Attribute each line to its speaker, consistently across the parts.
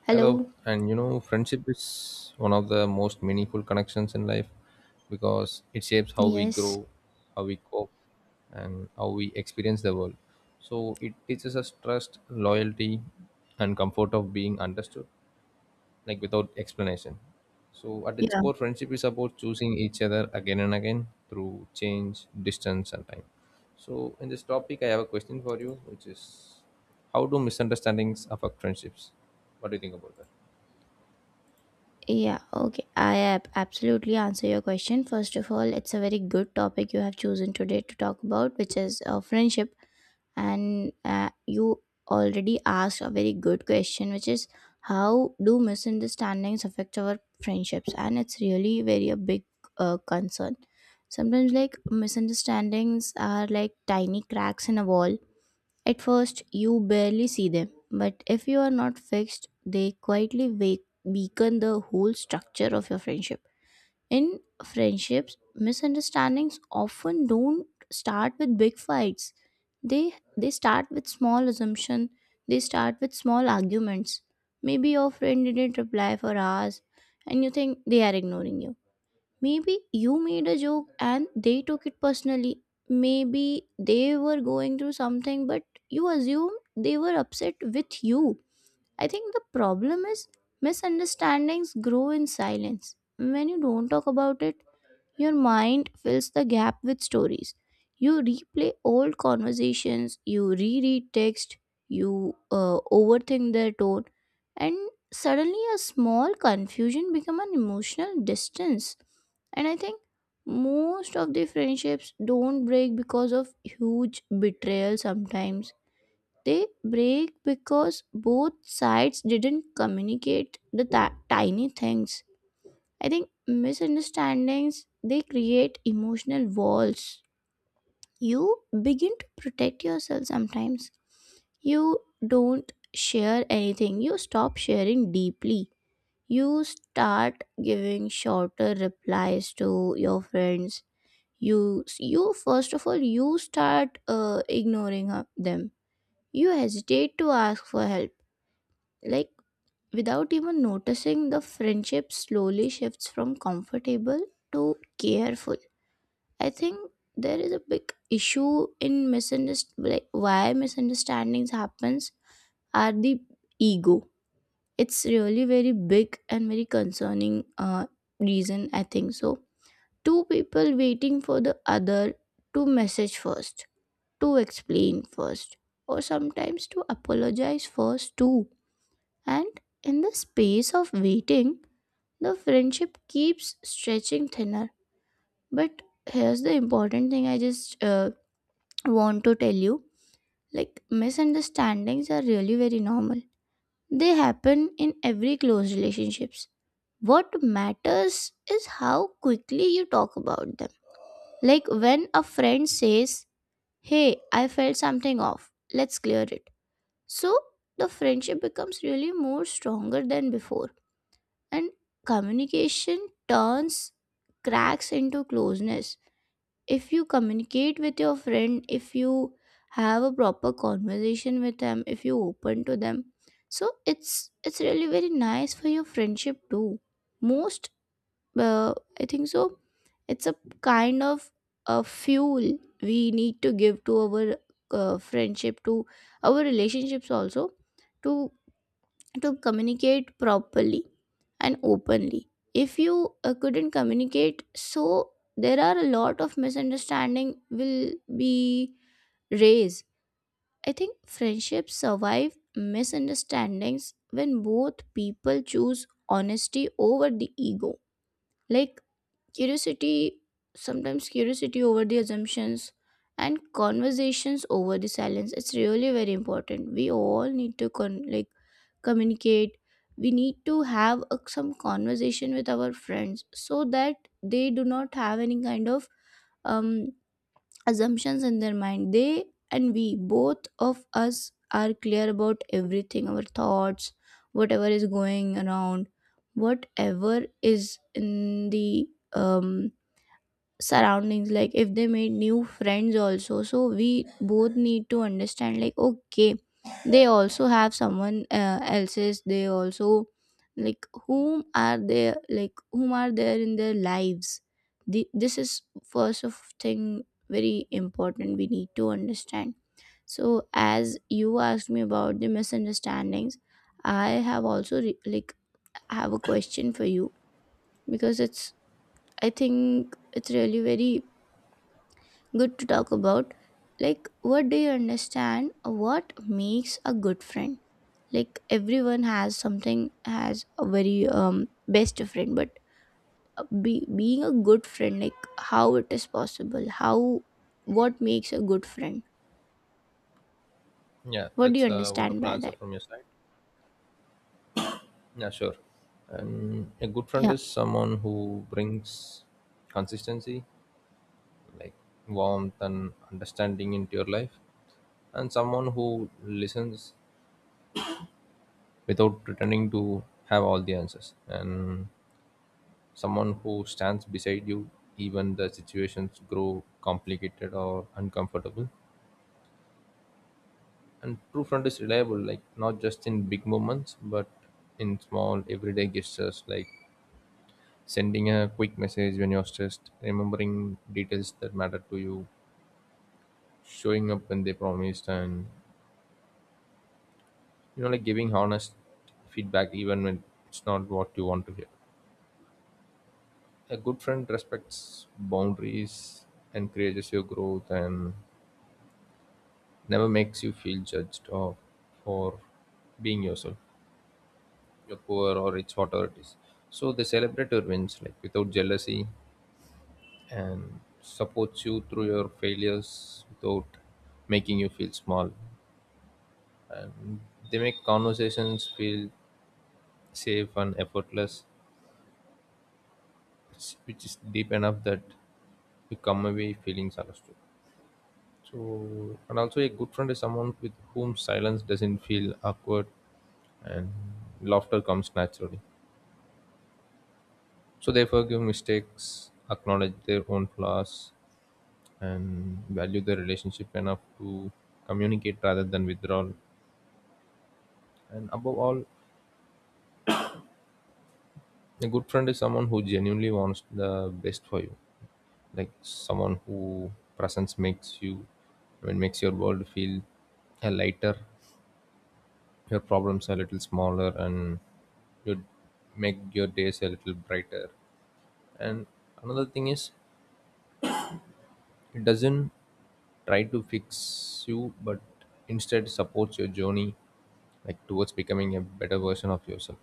Speaker 1: Hello.
Speaker 2: Hello, and you know, friendship is one of the most meaningful connections in life because it shapes how we
Speaker 1: Yes.
Speaker 2: grow, how we cope, and how we experience the world. So it teaches us trust, loyalty, and comfort of being understood, like without explanation. So at its
Speaker 1: Yeah.
Speaker 2: core, friendship is about choosing each other again and again through change, distance, and time. So in this topic, I have a question for you, which is how do misunderstandings affect friendships? What do you think about that?
Speaker 1: Yeah. Okay. I absolutely answer your question. First of all, it's a very good topic you have chosen today to talk about, which is friendship. And you already asked a very good question, which is how do misunderstandings affect our friendships? And it's really very a big concern. Sometimes, like misunderstandings are like tiny cracks in a wall. At first, you barely see them, but if you are not fixed, they quietly wake, weaken the whole structure of your friendship. In friendships, misunderstandings often don't start with big fights. They they start with small assumption. They start with small arguments. Maybe your friend didn't reply for hours, and you think they are ignoring you. Maybe you made a joke and they took it personally. Maybe they were going through something, but you assume they were upset with you. I think the problem is misunderstandings grow in silence. When you don't talk about it, your mind fills the gap with stories. You replay old conversations, you reread text, you overthink their tone, and suddenly a small confusion become an emotional distance. And I think most of the friendships don't break because of huge betrayal sometimes. They break because both sides didn't communicate the tiny things. I think misunderstandings they create emotional walls. You begin to protect yourself sometimes. You don't share anything. You stop sharing deeply. You start giving shorter replies to your friends. You first of all you start ignoring them. You hesitate to ask for help. Like without even noticing the friendship slowly shifts from comfortable to careful. I think there is a big issue in misunderstanding like why misunderstandings happens are the ego. It's really very big and very concerning reason I think so. Two people waiting for the other to message first, to explain first, or sometimes to apologize first too. And in the space of waiting, the friendship keeps stretching thinner. But here's the important thing I just want to tell you, like misunderstandings are really very normal, they happen in every close relationships. What matters is how quickly you talk about them, like when a friend says hey, I felt something off, let's clear it. So the friendship becomes really more stronger than before, and communication turns cracks into closeness. If you communicate with your friend, if you have a proper conversation with them, if you open to them, so it's really very nice for your friendship too. Most uh, I think so, it's a kind of a fuel we need to give to our friendship, to our relationships also, to to communicate properly and openly. If you couldn't communicate, so there are a lot of misunderstanding will be raised. I think friendships survive misunderstandings when both people choose honesty over the ego, like curiosity, sometimes curiosity over the assumptions, and conversations over the silence. It's really very important. We all need to con- Like communicate. We need to have a, some conversation with our friends so that they do not have any kind of um, assumptions in their mind. They and we, both of us, are clear about everything, our thoughts, whatever is going around, whatever is in the um, surroundings. Like if they made new friends also, so we both need to understand like okay, they also have someone else's, they also, like whom are they, like whom are there in their lives. The, this is first of thing very important we need to understand. So as you asked me about the misunderstandings, I have also re- like have a question for you, because it's, I think it's really very good to talk about. Like, what do you understand? What makes a good friend? Like, everyone has something, has a very best friend, but being a good friend, like, how it is possible? How, what makes a good friend?
Speaker 2: Yeah,
Speaker 1: What do you
Speaker 2: that's a
Speaker 1: understand
Speaker 2: wonderful
Speaker 1: by
Speaker 2: answer
Speaker 1: that?
Speaker 2: from your side. Yeah, sure. And a good friend
Speaker 1: Yeah.
Speaker 2: is someone who brings consistency, like warmth and understanding into your life, and someone who listens without pretending to have all the answers, and someone who stands beside you even the situations grow complicated or uncomfortable. And true friend is reliable, like not just in big moments, but in small everyday gestures like sending a quick message when you're stressed, remembering details that matter to you, showing up when they promised, and you know, like giving honest feedback even when it's not what you want to hear. A good friend respects boundaries, encourages your growth, and never makes you feel judged or for being yourself, you're poor or rich, whatever it is. So they celebrate your wins like without jealousy, and supports you through your failures without making you feel small. And they make conversations feel safe and effortless, which is deep enough that you come away feeling understood. So, and also a good friend is someone with whom silence doesn't feel awkward and laughter comes naturally. So they forgive mistakes, acknowledge their own flaws, and value the relationship enough to communicate rather than withdrawal. And above all, a good friend is someone who genuinely wants the best for you. Like someone who presence makes you, I mean, makes your world feel a lighter, your problems a little smaller, and you make your days a little brighter. And another thing is, it doesn't try to fix you, but instead supports your journey, like towards becoming a better version of yourself.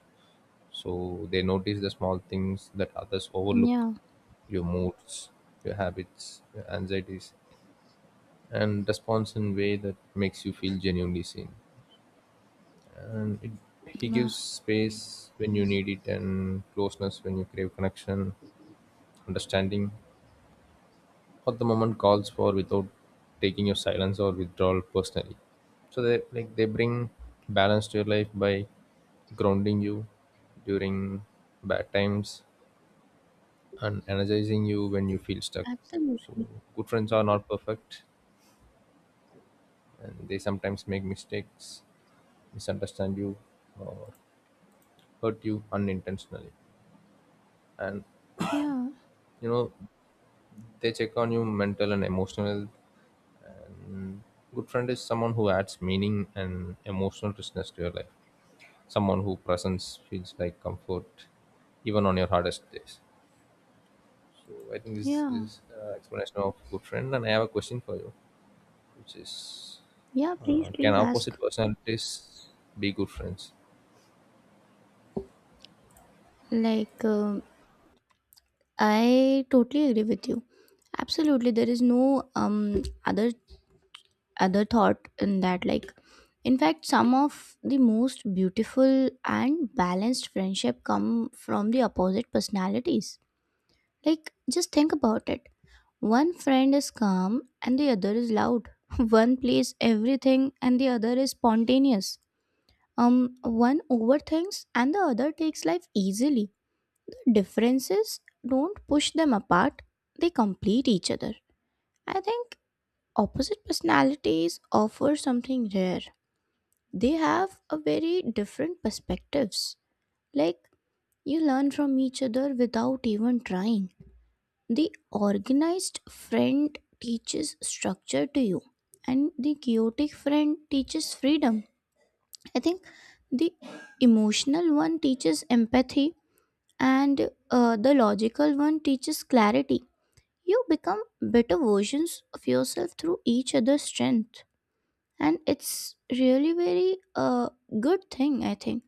Speaker 2: So they notice the small things that others overlook
Speaker 1: Yeah.
Speaker 2: your moods, your habits, your anxieties, and responds in a way that makes you feel genuinely seen. And it, he
Speaker 1: Nah,
Speaker 2: gives space when you need it, and closeness when you crave connection, understanding, what the moment calls for without taking your silence or withdrawal personally. So they like they bring balance to your life by grounding you during bad times and energizing you when you feel stuck. So
Speaker 1: absolutely.
Speaker 2: good friends are not perfect, and they sometimes make mistakes, misunderstand you, or hurt you unintentionally. And
Speaker 1: Yeah.
Speaker 2: you know they check on you mental and emotional health. Good friend is someone who adds meaning and emotional richness to your life. Someone who presence feels like comfort, even on your hardest days. So I think this
Speaker 1: Yeah.
Speaker 2: is explanation of good friend. And I have a question for you which is
Speaker 1: Yeah. Please,
Speaker 2: can
Speaker 1: please ask.
Speaker 2: opposite personalities be good friends?
Speaker 1: Like, I totally agree with you. Absolutely, there is no other thought in that, like in fact some of the most beautiful and balanced friendship come from the opposite personalities. Like just think about it, one friend is calm and the other is loud one plays everything and the other is spontaneous, one overthinks and the other takes life easily. The differences don't push them apart, they complete each other. I think opposite personalities offer something rare, they have a very different perspectives. Like you learn from each other without even trying. The organized friend teaches structure to you, and the chaotic friend teaches freedom. I think the emotional one teaches empathy, and the logical one teaches clarity. You become better versions of yourself through each other's strength, and it's really very good thing I think.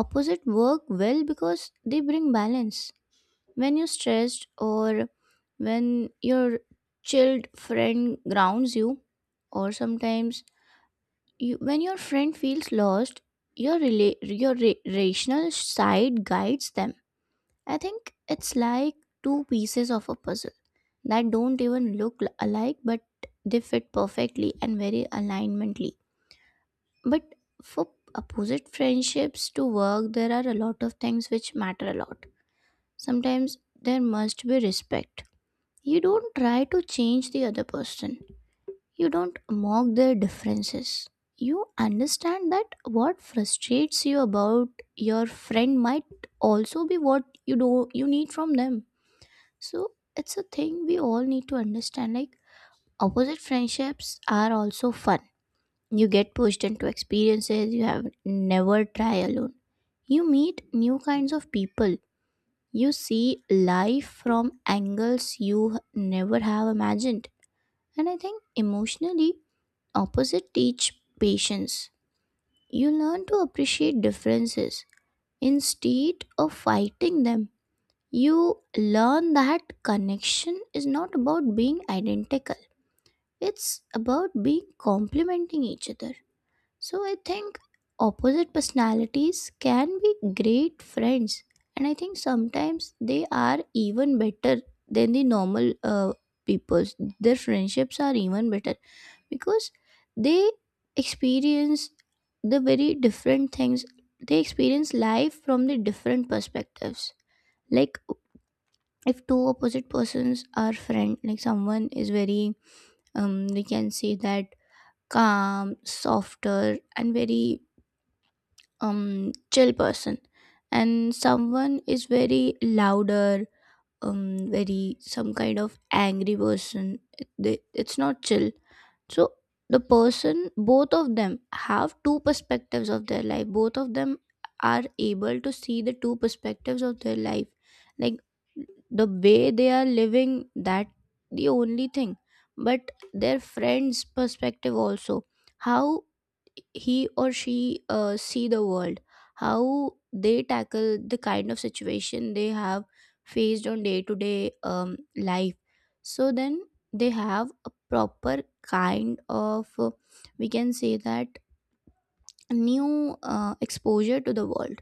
Speaker 1: Opposite work well because they bring balance. When you're stressed or when your chilled friend grounds you, or sometimes you, when your friend feels lost, your rela- your ra- rational side guides them. I think it's like two pieces of a puzzle that don't even alike, but they fit perfectly and very alignmently. But for opposite friendships to work, there are a lot of things which matter a lot. Sometimes there must be respect. You don't try to change the other person, you don't mock their differences. You understand that what frustrates you about your friend might also be what you do you need from them. So it's a thing we all need to understand. Like opposite friendships are also fun. You get pushed into experiences you have never tried alone. You meet new kinds of people, you see life from angles never have imagined. And I think emotionally, opposite teach patience. You learn to appreciate differences instead of fighting them. You learn that connection is not about being identical, it's about being complementing each other. So I think opposite personalities can be great friends, and I think sometimes they are even better than the normal people's. Their friendships are even better because they experience the very different things. They experience life from the different perspectives. Like if two opposite persons are friend, like someone is very we can say that calm, softer, and very chill person, and someone is very louder, very some kind of angry person, they, it's not chill. So the person both of them have two perspectives of their life, both of them are able to see the two perspectives of their life, like the way they are living, that the only thing, but their friends perspective also, how he or she see the world, how they tackle the kind of situation they have faced on day to day life. So then they have a proper kind of we can say that new exposure to the world.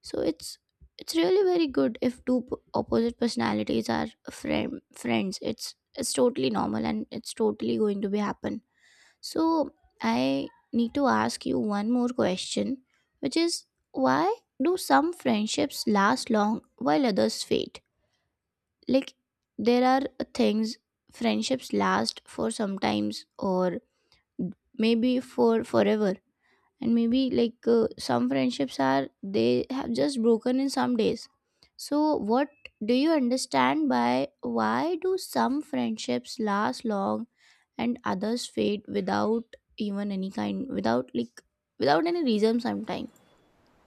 Speaker 1: So it's really very good if opposite personalities are friend, friends, it's totally normal and it's totally going to be happen. So I need to ask you one more question, which is why do some friendships last long while others fade. Like there are things, friendships last for sometimes or maybe for forever, and maybe like some friendships are they have just broken in some days. So what do you understand by why do some friendships last long and others fade without even any kind, without like without any reason sometime,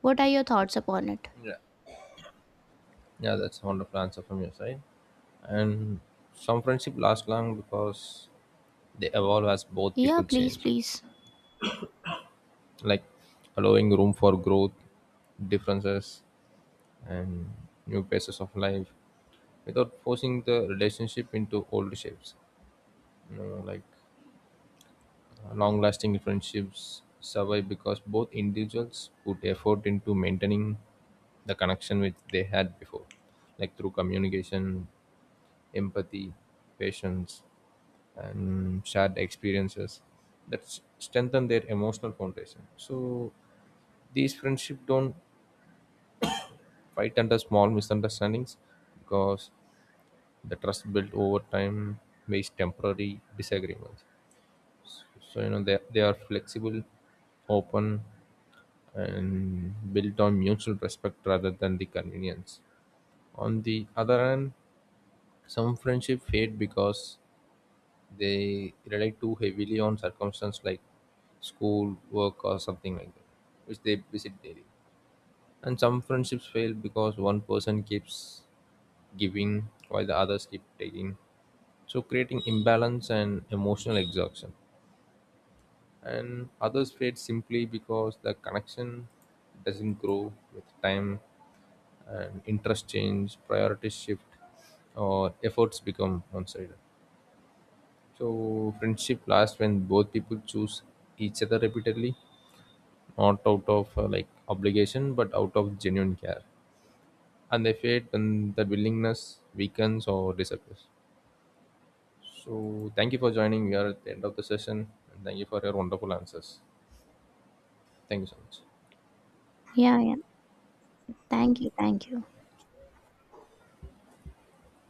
Speaker 1: what are your thoughts upon it?
Speaker 2: Yeah. Yeah, that's a wonderful answer from your side. And some friendship last long because they evolve as both
Speaker 1: Yeah,
Speaker 2: people
Speaker 1: please,
Speaker 2: change,
Speaker 1: please.
Speaker 2: like allowing room for growth, differences, and new phases of life without forcing the relationship into old shapes. You know, like long lasting friendships survive because both individuals put effort into maintaining the connection which they had before, like through communication, empathy, patience, and shared experiences that strengthen their emotional foundation. So these friendships don't fight under small misunderstandings because the trust built over time based temporary disagreements. So you know they are flexible, open and built on mutual respect rather than the convenience. On the other hand, some friendship fade because they rely too heavily on circumstance like school, work, or something like that, which they visit daily. And some friendships fail because one person keeps giving while the others keep taking, so creating imbalance and emotional exhaustion. And others fade simply because the connection doesn't grow with time and interest change, priorities shift, or efforts become one sided. So, friendship lasts when both people choose each other repeatedly, not out of like obligation, but out of genuine care. And they fade when that willingness weakens or disappears. So, thank you for joining. We are at the end of the session, and thank you for your wonderful answers. Thank you so much.
Speaker 1: Yeah, yeah, thank you, thank you.